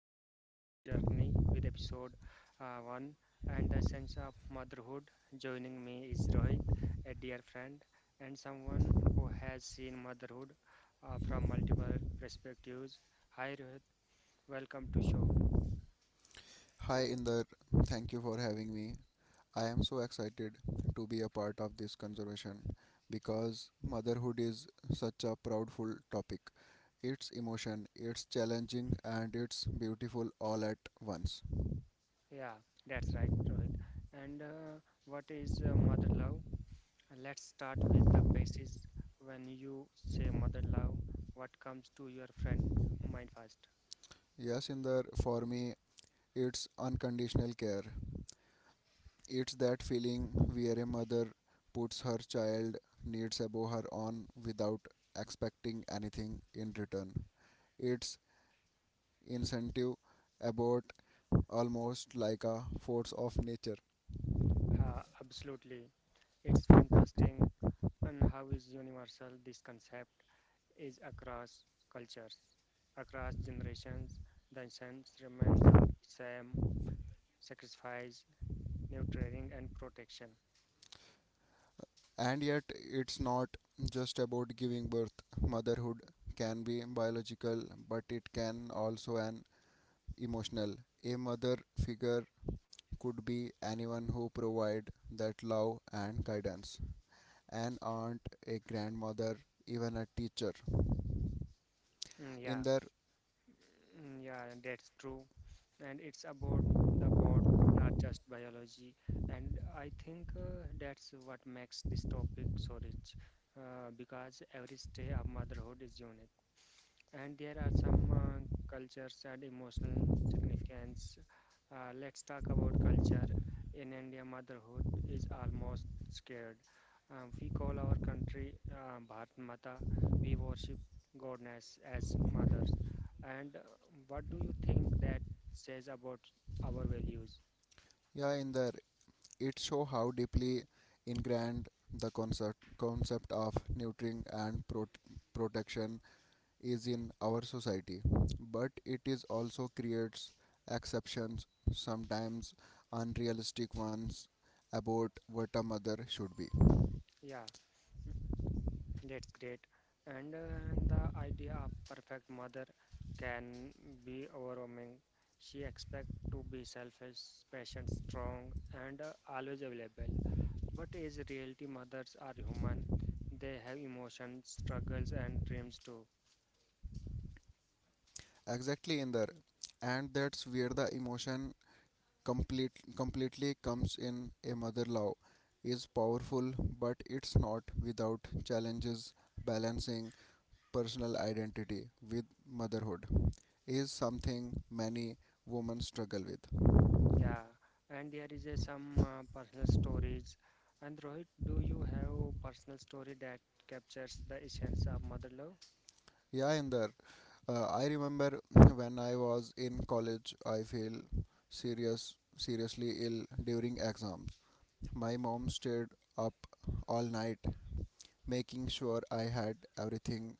we have begun our journey with episode 1 and the sense of motherhood. Joining me is Rohit, a dear friend, and someone who has seen motherhood from multiple perspectives. Hi Rohit, welcome to show. Hi Inder, thank you for having me. I am so excited to be a part of this conservation because motherhood is such a proudful topic. It's emotion, it's challenging, and it's beautiful all at once. Yeah, that's right, Rohit. And what is mother love? Let's start with the basis. When you say mother love, what comes to your friend mind first? Yes, Inder, for me, it's unconditional care. It's that feeling where a mother puts her child needs above her own without expecting anything in return. It's incentive about almost like a force of nature. Absolutely. It's fantastic. And how is universal this concept is across cultures, across generations. The essence remains of the same sacrifice, nurturing, and protection. And yet, it's not just about giving birth. Motherhood can be biological, but it can also an emotional. A mother figure could be anyone who provide that love and guidance. An aunt, a grandmother, even a teacher. Mm, yeah. In there, Mm, yeah, that's true. And it's about the bond, not just biology. And I think that's what makes this topic so rich, because every stage of motherhood is unique, and there are some cultures and emotional significance. Let's talk about culture. In India, motherhood is almost scared. We call our country Bharat Mata. We worship goddess as mothers. And what do you think that says about our values? yeah, in there, it shows how deeply ingrained the concept of nurturing and protection is in our society, but it is also creates exceptions, sometimes unrealistic ones, about what a mother should be. Yeah, that's great. And the idea of perfect mother can be overwhelming. She expects to be selfish, patient, strong, and always available. But is reality mothers are human. They have emotions, struggles, and dreams too. Exactly, Inder, and that's where the emotion completely comes in. A mother love is powerful, but it's not without challenges. Balancing personal identity with motherhood is something many women struggle with. Yeah, and there is some personal stories. And Rohit, do you have personal story that captures the essence of mother love? Yeah, Inder, I remember when I was in college, I feel seriously ill during exams. My mom stayed up all night making sure I had everything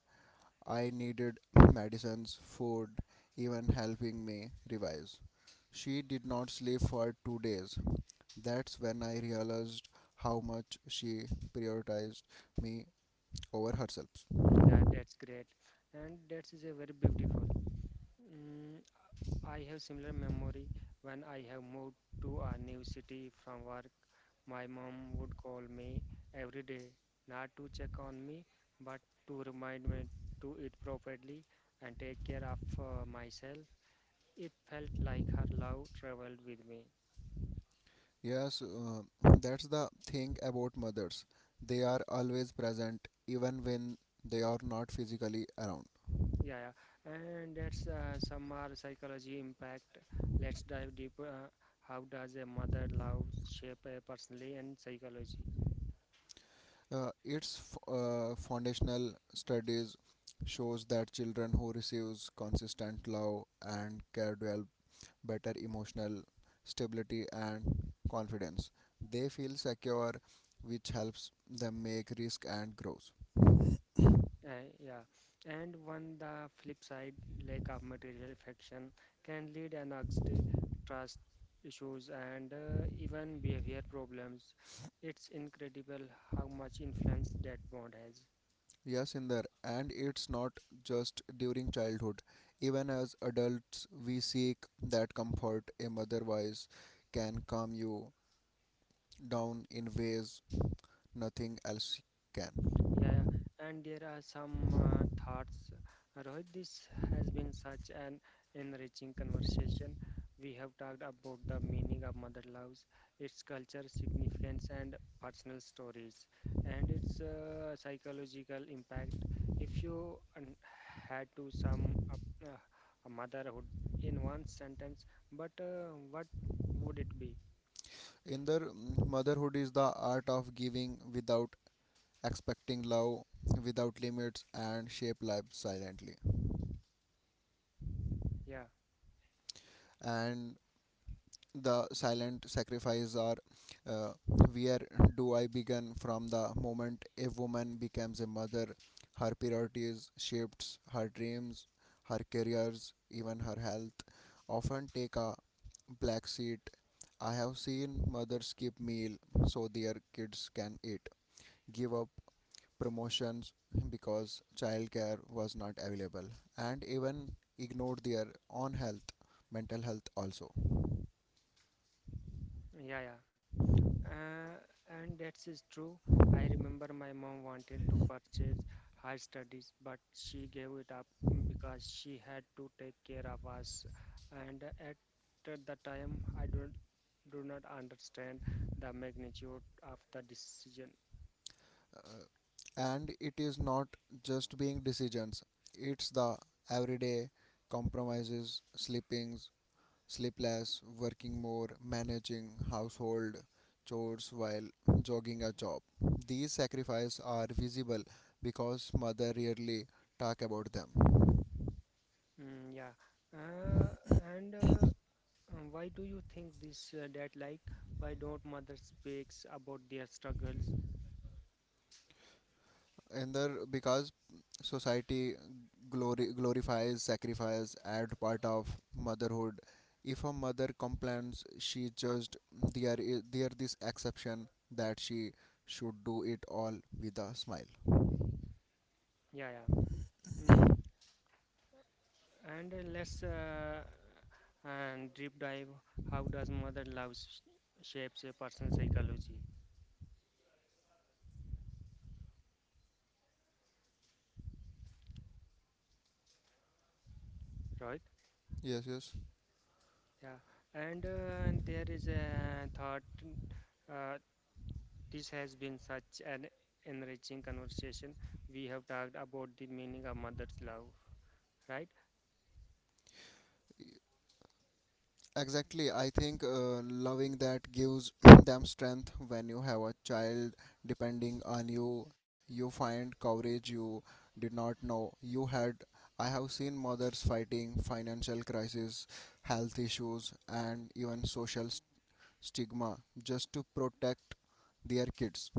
I needed medicines, food, even helping me revise. She did not sleep for 2 days. That's when I realized how much she prioritized me over herself. Yeah, that's great, and that is a very beautiful. Mm, I have similar memory when I have moved to a new city from work. My mom would call me every day, not to check on me, but to remind me to eat properly and take care of myself. It felt like her love traveled with me. Yes, that's the thing about mothers. They are always present even when they are not physically around. Yeah, yeah. And that's some are psychology impact. Let's dive deeper. How does a mother love shape a personality and psychology? Its foundational studies shows that children who receives consistent love and care develop better emotional stability and confidence. They feel secure, which helps them make risk and grow. Yeah, and on the flip side, lack of material affection can lead an anxiety, trust issues, and even behavior problems. It's incredible how much influence that bond has. Yes, Inder, and it's not just during childhood. Even as adults, we seek that comfort a mother voice can calm you down in ways nothing else can. Yeah, yeah. And there are some thoughts. Rohit, this has been such an enriching conversation. We have talked about the meaning of mother loves, its culture, significance, and personal stories, and its psychological impact. If you had to sum up a motherhood in one sentence, but what would it be? Inder, motherhood is the art of giving without expecting love, without limits, and shape life silently. Yeah, And the silent sacrifices are uh, where do I begin from the moment a woman becomes a mother? Her priorities, shifts, her dreams, her careers, even her health often take a black seat. I have seen mothers skip meal so their kids can eat, give up promotions because childcare was not available, and even ignore their own health, mental health also. yeah, yeah. Uh, and that is true. I remember my mom wanted to purchase her studies, but she gave it up because she had to take care of us. And at the time, I do not understand the magnitude of the decision. And it is not just being decisions, it's the everyday compromises sleepings sleepless working more managing household chores while jogging a job. These sacrifices are visible because mother rarely talk about them. Mm, yeah. Uh, and why do you think this that, like, why don't mothers speaks about their struggles? In there, because society glory glorifies sacrifice as part of motherhood. If a mother complains she judged, there is there this exception that she should do it all with a smile. Yeah, yeah. Mm. And let's and deep dive how does mother love shapes a person's psychology, right? Yes, yes. Yeah, and there is a thought. Uh, this has been such an enriching conversation. We have talked about the meaning of mother's love, right? Exactly. I think loving that gives them strength when you have a child depending on you. You find courage you did not know you had. I have seen mothers fighting financial crisis, health issues, and even social stigma just to protect their kids.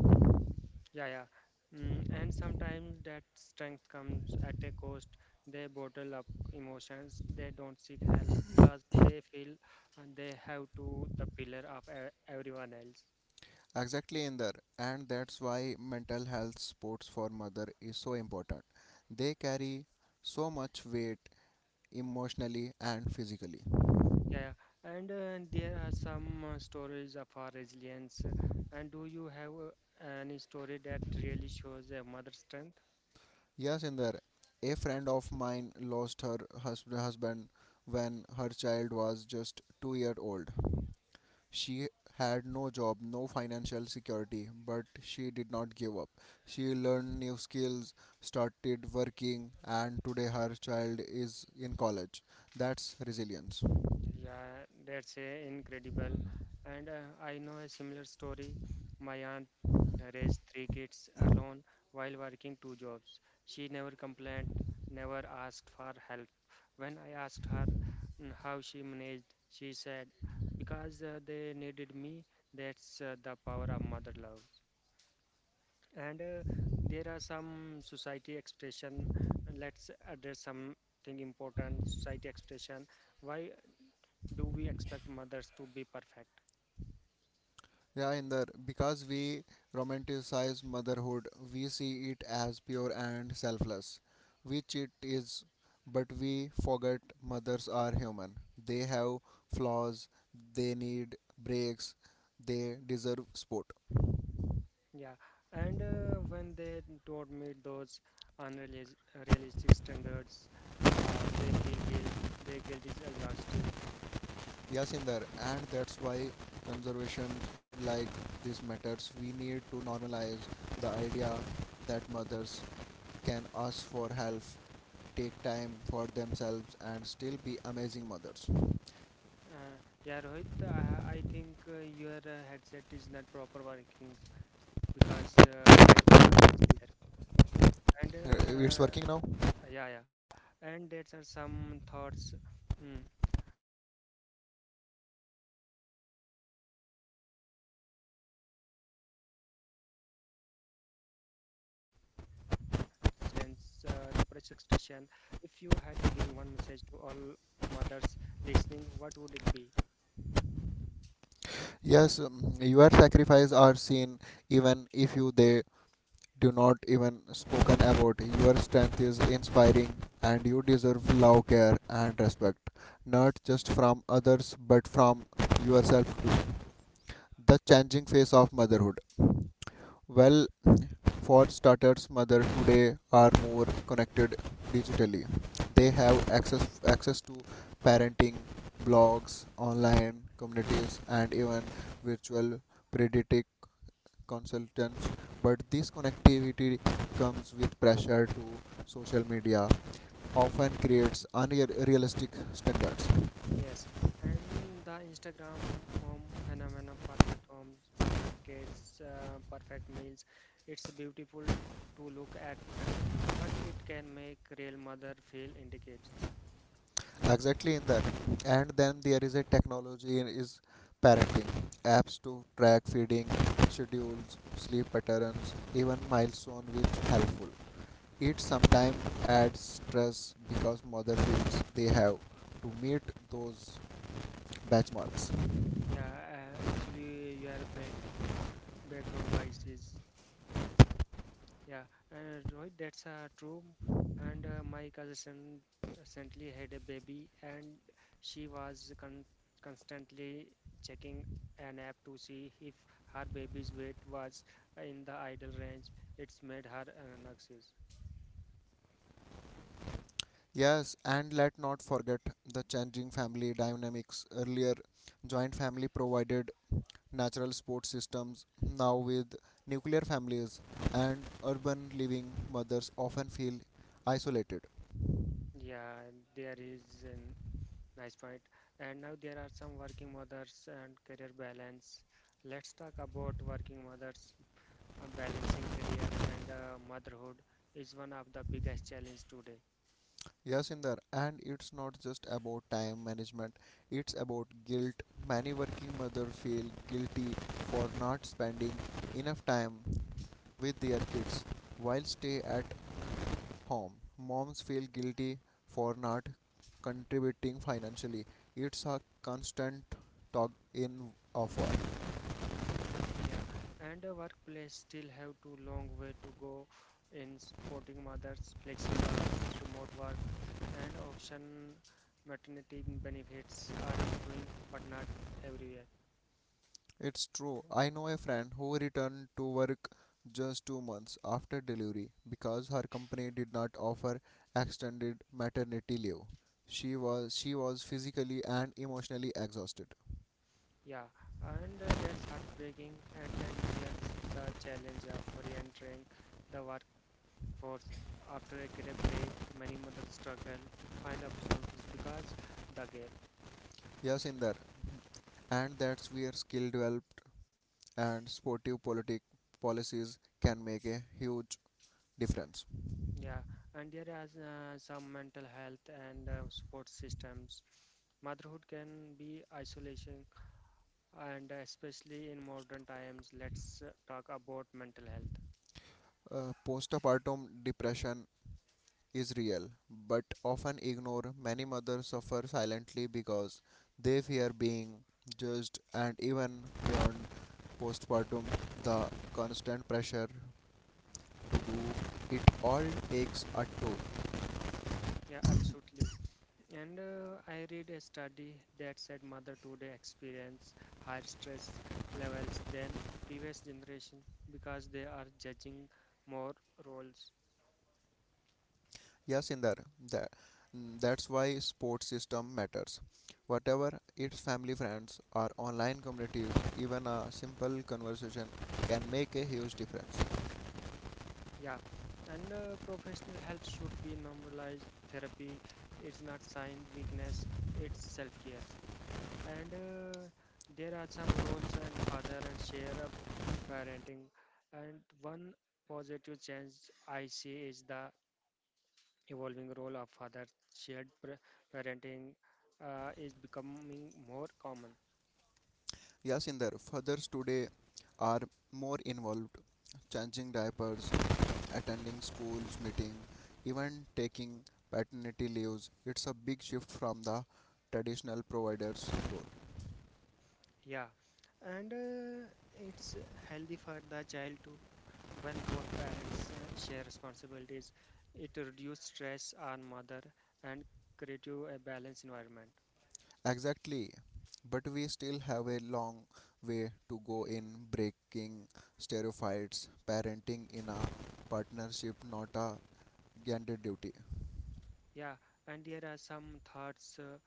Yeah, yeah. And sometimes that strength comes at a cost. They bottle up emotions. They don't seek help because they feel they have to the pillar of everyone else. Exactly, in there, and that's why mental health supports for mother is so important. They carry so much weight emotionally and physically. Yeah, yeah. and There are some stories of our resilience. And do you have any story that really shows a mother's strength? Yes, Inder. A friend of mine lost her husband when her child was just 2 year old. She had no job, no financial security, but she did not give up. She learned new skills, started working, and today her child is in college. That's resilience. Yeah, that's incredible. And I know a similar story. My aunt raised three kids alone while working two jobs. She never complained, never asked for help. When I asked her how she managed, she said, because they needed me, that's the power of mother love. And there are some society expression. Let's address something important, society expression. Why do we expect mothers to be perfect? Yeah, in the because we romanticize motherhood, we see it as pure and selfless, which it is, but we forget mothers are human. They have flaws, they need breaks, they deserve support. Yeah, and when they don't meet those unrealis- realistic standards, they feel guilt. Their guilt is exhausting. Yes, in there, and that's why conservation like this matters. We need to normalize the idea that mothers can ask for help, take time for themselves, and still be amazing mothers. Uh, yeah, Rohit, I think your headset is not proper working because background noise is there. And It's working now. Yeah, yeah, and that's are some thoughts. mm, This has been such an eye-opening discussion. We talked about sacrifice and strength, resilience, the pressure of extraction. If you had to give one message to all mothers listening, what would it be? Yes, your sacrifice are seen even if you they do not even spoken about. Your strength is inspiring, and you deserve love, care, and respect, not just from others but from yourself too. The changing face of motherhood. Well, for starters, mothers today are more connected digitally. They have access to parenting blogs, online communities, and even virtual pediatric consultants. But this connectivity comes with pressure to social media, often creates unrealistic standards. Yes, and the Instagram mom phenomena, perfect homes, perfect kids, perfect meals. It's beautiful to look at, but it can make real mother feel inadequate. Exactly in that, and then there is a technology is parenting apps to track feeding schedules sleep patterns even milestone which helpful, it sometimes adds stress because mother feels they have to meet those benchmarks. Yeah, actually, your background wise is, yeah, and Rohit, that's true. And my cousin recently had a baby, and she was constantly checking an app to see if her baby's weight was in the ideal range. It's made her an anxious. Yes, and let not forget the changing family dynamics. Earlier joint family provided natural support systems. Now with nuclear families and urban living, mothers often feel isolated. Yeah, there is a nice point. And now there are some working mothers and career balance. Let's talk about working mothers. Balancing career and motherhood is one of the biggest challenge today. Yes, in, and it's not just about time management, it's about guilt. Many working mothers feel guilty for not spending enough time with their kids, while stay at home moms feel guilty for not contributing financially. It's a constant tug in of war. Yeah, and the workplace still have too long way to go in supporting mothers, flexible hours, remote work, and option maternity benefits are improving, but not everywhere. It's true. I know a friend who returned to work just 2 months after delivery because her company did not offer extended maternity leave. She was physically and emotionally exhausted. Yeah, and that's heartbreaking. And then there's the challenge of re-entering the workforce after a career break. Many mothers struggle to find opportunities because the gap. Yes, Inder, and that's where skill developed and sportive politic policies can make a huge difference. Yeah, and there is some mental health and support systems. Motherhood can be isolation, and especially in modern times, let's talk about mental health. Postpartum depression is real, but often ignored. Many mothers suffer silently because they fear being judged, and even beyond postpartum, the constant pressure to do it all takes a toll. Yeah, absolutely. And I read a study that said mother today experience higher stress levels than previous generation because they are judging more roles. Yes, Inder, that, that's why sports system matters. Whatever its family, friends, or online communities, even a simple conversation can make a huge difference. Yeah, and professional help should be normalized. Therapy is not sign weakness; it's self-care. And there are some roles and father and share of parenting. And one positive change I see is the evolving role of father. Shared parenting is becoming more common. Yasinder, fathers today are more involved, changing diapers, attending schools meeting, even taking paternity leaves. It's a big shift from the traditional providers role. Yeah, and it's healthy for the child too. When both parents share responsibilities, it reduces stress on mother and create you a balanced environment. Exactly. But we still have a long way to go in breaking stereotypes, parenting in a partnership, not a gender duty. Yeah, and there are some thoughts. Uh,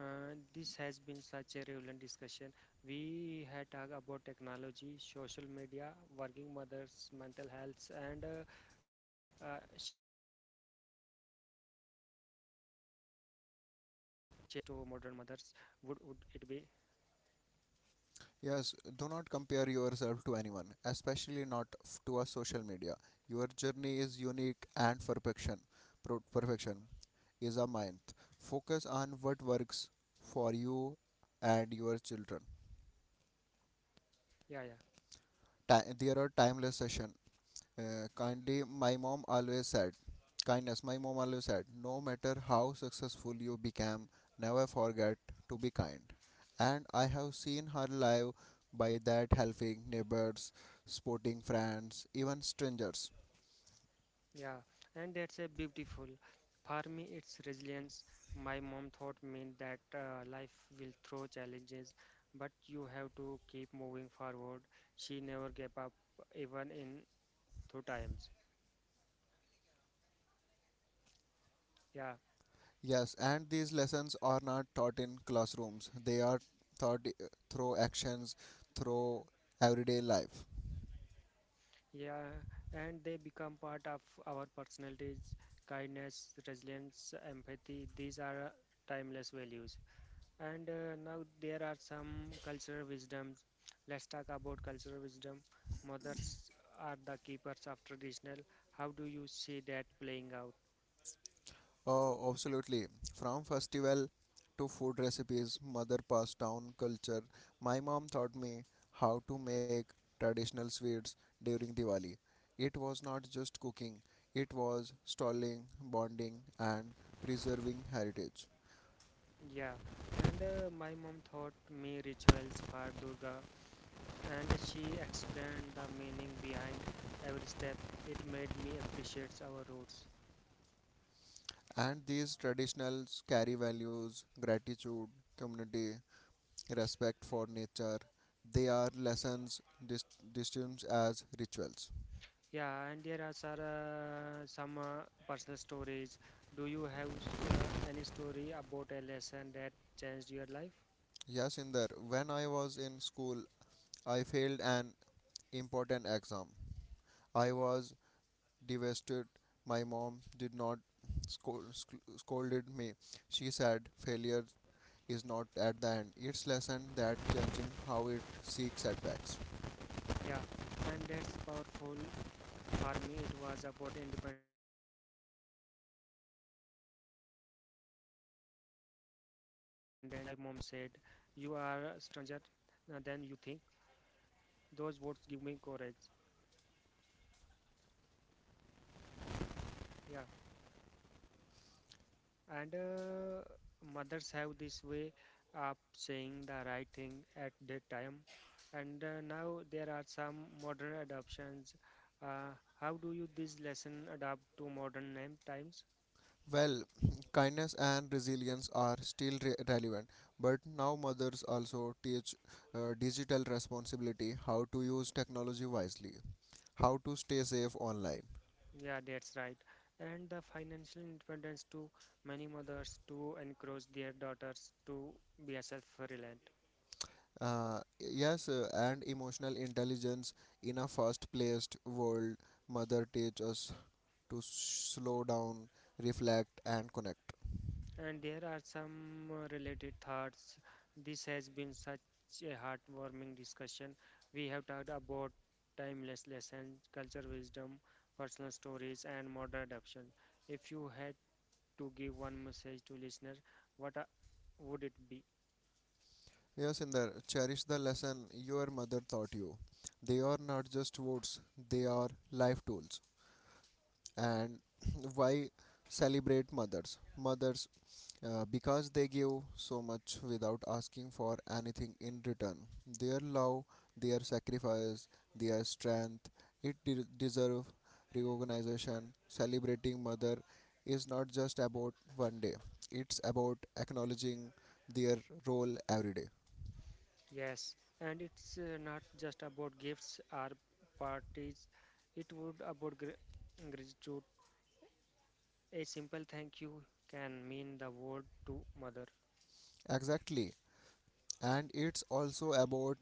uh, this has been such a relevant discussion. We had talked about technology, social media, working mothers, mental health, and shared parenting. If you had to give one piece of advice to modern mothers, would it be? Yes, do not compare yourself to anyone, especially not to a social media. Your journey is unique and perfection. Perfection is a myth. Focus on what works for you and your children. Yeah, yeah. There are timeless sessions. Kindly, my mom always said, kindness, my mom always said, no matter how successful you become, never forget to be kind. And I have seen her live by that helping neighbors, sporting friends, even strangers. Yeah, and that's a beautiful. For me, it's resilience. My mom taught me that life will throw challenges, but you have to keep moving forward. She never gave up, even in tough times. Yeah, Yes, and these lessons are not taught in classrooms, they are taught through actions, through everyday life. yeah, and they become part of our personalities. Kindness, resilience, empathy, these are timeless values. And now there are some cultural wisdoms. Let's talk about cultural wisdom. Mothers are the keepers of traditional. How do you see that playing out? Oh, absolutely. From festival to food recipes, mother passed down culture. My mom taught me how to make traditional sweets during Diwali. It was not just cooking, it was stalling, bonding, and preserving heritage. Yeah, and my mom taught me rituals for Durga, and she explained the meaning behind every step. It made me appreciate our roots. And these traditionals carry values, gratitude, community, respect for nature. They are lessons distinct as rituals. Yeah, and there are some personal stories. Do you have any story about a lesson that changed your life? Yes, Inder, when I was in school, I failed an important exam. I was devastated. My mom did not scold, scolded me. She said failure is not at the end. It's lesson that changing how it seeks setbacks. Yeah, and that's powerful. For me, it was about independence. When I moved to a new city, I was scared. My mom said, you are a stranger than you think. Those words give me courage. Yeah, and mothers have this way of saying the right thing at that time. And now there are some modern adoptions. Uh, how do you this lesson adapt to modern name times? Well, kindness and resilience are still relevant, but now mothers also teach digital responsibility, how to use technology wisely, how to stay safe online. Yeah, that's right. And the financial independence to many mothers to encourage their daughters to be a self-reliant. Yes, and emotional intelligence in a fast-paced world, mother teach us to slow down, reflect, and connect. And there are some related thoughts. This has been such a heartwarming discussion. We have talked about timeless lessons, culture wisdom, personal stories, and modern adoption. If you had to give one message to listeners, what would it be? Yes, Inder, cherish the lesson your mother taught you. They are not just words; they are life tools. And why celebrate mothers? Mothers because they give so much without asking for anything in return. Their love, their sacrifice, their strength, it deserve recognition. Celebrating mother is not just about one day; it's about acknowledging their role every day. Yes, and it's not just about gifts or parties. It would about gratitude. A simple thank you can mean the world to mother. Exactly, and it's also about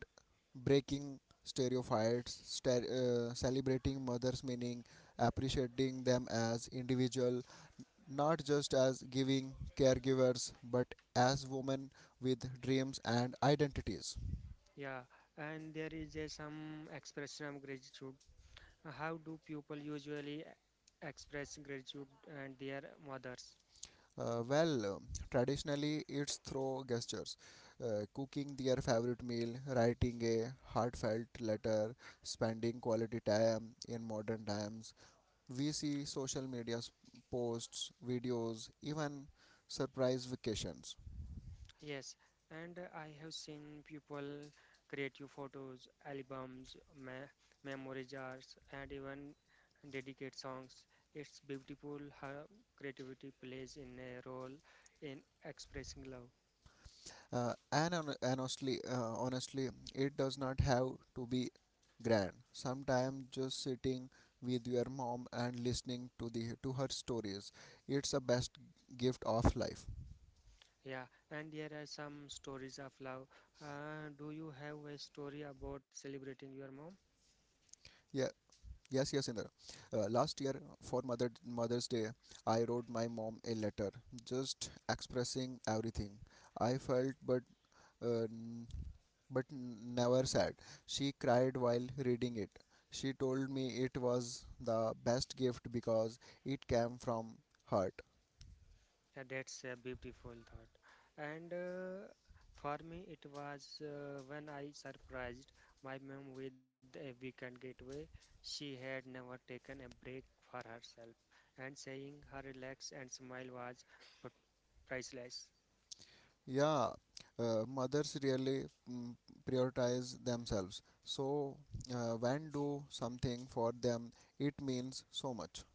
breaking stereotypes, celebrating mother's meaning, appreciating them as individual, not just as giving caregivers but as women with dreams and identities. Yeah, and there is a some expression of gratitude. How do people usually express gratitude and their mothers? uh, well um, Traditionally it's through gestures, cooking their favorite meal, writing a heartfelt letter, spending quality time. In modern times we see social media posts, videos, even surprise vacations. Yes, and I have seen people create you photos, albums, me memory jars, and even dedicate songs. It's beautiful how creativity plays in a role in expressing love. And, on, and honestly, it does not have to be grand. Sometimes just sitting with your mom and listening to her stories, it's the best gift of life. Yeah, and there are some stories of love. Do you have a story about celebrating your mom? Yeah, yes, yes, Inder. Last year for Mother's Day, I wrote my mom a letter, just expressing everything I felt, uh, but never sad. She cried while reading it. She told me it was the best gift because it came from heart. Yeah, that's a beautiful thought. And for me, it was when I surprised my mom with a weekend getaway. She had never taken a break for herself, and saying her relax and smile was p- priceless. Yeah, mothers really prioritize themselves. So when do something for them, it means so much.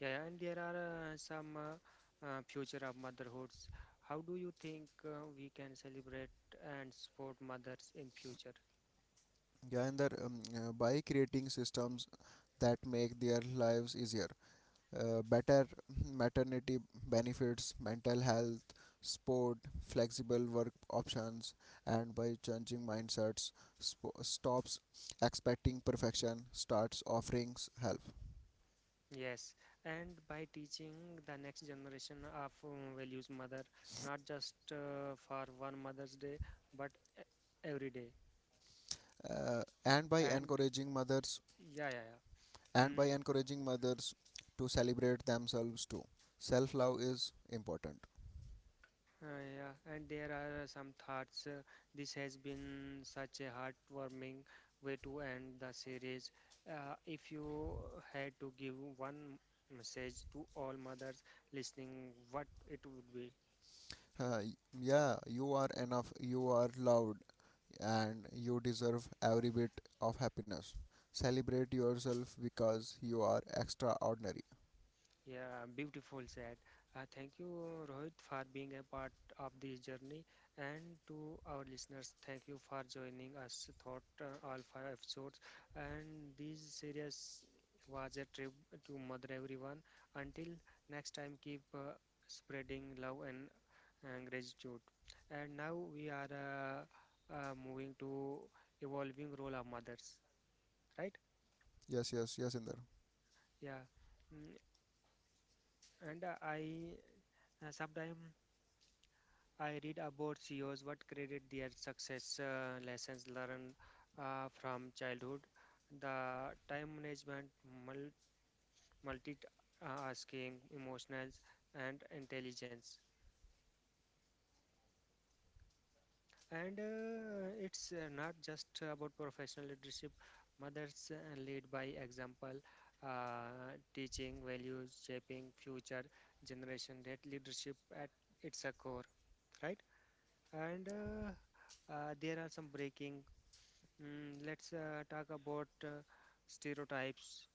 Yeah, and there are some future of motherhoods. How do you think we can celebrate and support mothers in future? Yeah, and that, by creating systems that make their lives easier, better maternity benefits, mental health, sport, flexible work options, and by changing mindsets, stops expecting perfection, starts offering help. Yes, and by teaching the next generation of values, mother, not just for one Mother's Day, but e- every day. And by And encouraging mothers, yeah, yeah, yeah. and by Mm, encouraging mothers to celebrate themselves too. Self love is important. Yeah, and there are some thoughts. This has been such a heartwarming way to end the series. If you had to give one message to all mothers listening, what it would be? Yeah, you are enough. You are loved and you deserve every bit of happiness. Celebrate yourself because you are extraordinary. Yeah, beautiful said. Thank you, Rohit, for being a part of this journey. And to our listeners, thank you for joining us throughout all five episodes. And this series was a trip to Mother Everyone. Until next time, keep spreading love and gratitude. And now we are moving to evolving role of mothers, right? Yes, yes, yes, Inder. Yeah. Mm, And I sometimes I read about CEOs, what created their success, lessons learned from childhood, the time management, mul- multitasking, emotionals, and intelligence. And it's not just about professional leadership. Mothers lead by example, teaching values, shaping future generation. That leadership at its a core, right? And There are some breaking. Let's talk about stereotypes.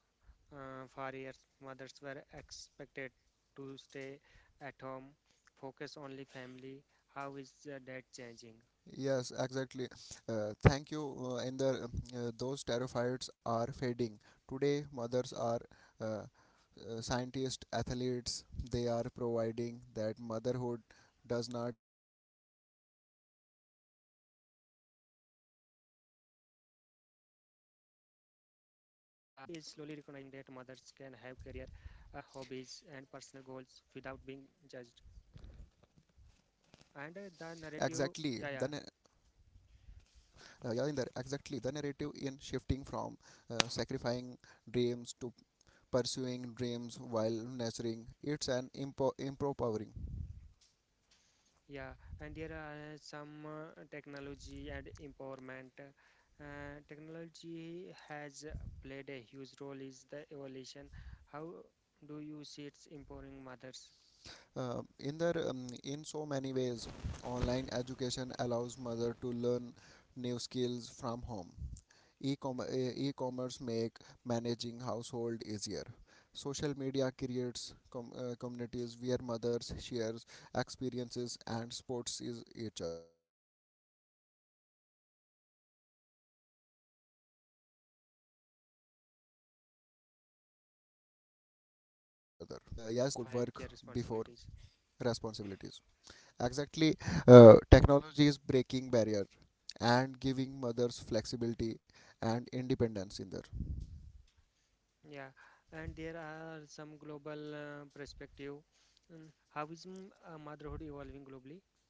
For years, mothers were expected to stay at home, focus only family. How is that changing? Yes, exactly. Thank you, Inder. Those terrifieds are fading. Today, mothers are uh, scientists, athletes. They are providing that motherhood does not limit ambition, Yeah, it yeah. Mm, And strengthens it. society Uh, is slowly recognizing that mothers can have career, hobbies, and personal goals without being judged. And the exactly. narrative, Then yeah, yeah. Yeah, in there, exactly, the narrative in shifting from sacrificing dreams to pursuing dreams while nurturing. It's an empowering. Yeah, and there are some technology and empowerment. Technology has played a huge role is the evolution. How do you see it's empowering mothers? In there, in so many ways, online education allows mother to learn new skills from home. E-com- uh, E-commerce make managing household easier. Social media creates communities where mothers shares experiences and supports is each other. Yes, and remote work has And opened door yes, for we mothers remote who work could not has work opened before doors due for to mothers childcare who could not responsibilities. work before responsibilities. Yeah, Exactly, technology is breaking barrier and giving mothers flexibility and independence in there. yeah. And there are some global perspective. Mm, How is motherhood evolving globally?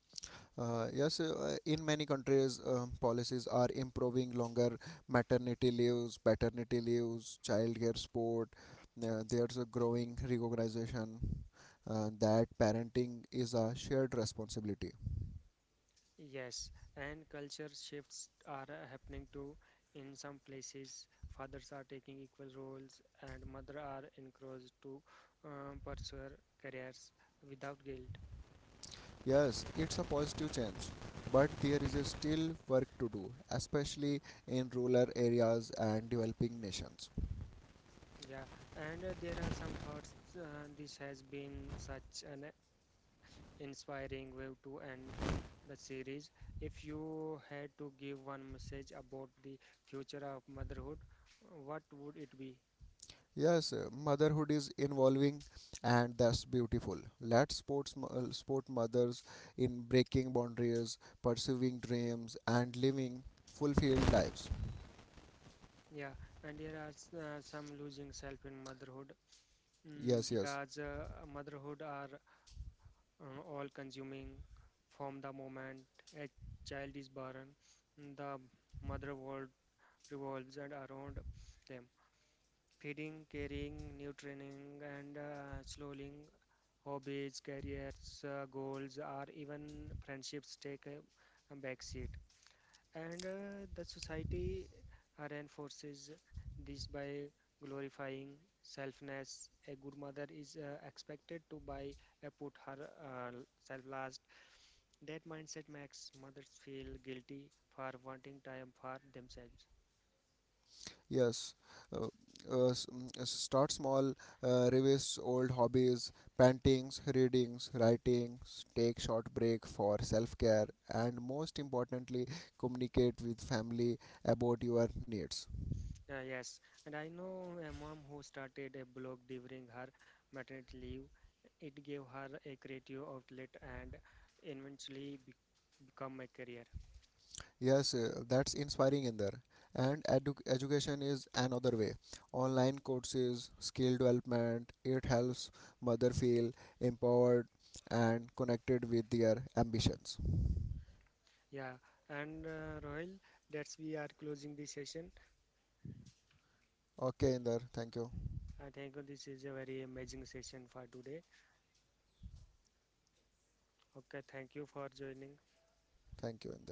Yes, in many countries, policies are improving longer maternity leaves, paternity leaves, childcare support. There's a growing recognition that parenting is a shared responsibility. Yes, and culture shifts are happening too. In some places, fathers are taking equal roles, and mothers are encouraged to pursue careers without guilt. Yes, it's a positive change, but there is a still work to do, especially in rural areas and developing nations. Yeah, and there are some thoughts. This has been such an inspiring way to end the series. If you had to give one message about the future of motherhood, what would it be? Yes, motherhood is involving, and that's beautiful. Let sports sport mothers in breaking boundaries, pursuing dreams, and living fulfilled lives. Yeah, and there are some losing self in motherhood. Mm, Yes, yes. because motherhood are all consuming from the moment a child is born, the mother world revolves and around them, feeding, caring, nurturing, and slowing hobbies, careers, goals, or even friendships take a backseat. And the society reinforces this by glorifying selfness. A good mother is expected to buy put her self last. That mindset makes mothers feel guilty for wanting time for themselves. Yes. Uh, Start small, revise old hobbies, paintings, readings, writings, take short break for self-care, and most importantly, communicate with family about your needs. Yes, and I know a mom who started a blog during her maternity leave. It gave her a creative outlet and eventually become a career. Yes, that's inspiring in there. And education is another way. Online courses, skill development, it helps mother feel empowered and connected with their ambitions. Yeah, and Rohil, that's we are closing the session. Okay, Inder, thank you. I think this is a very amazing session for today. Okay, thank you for joining. Thank you, Inder.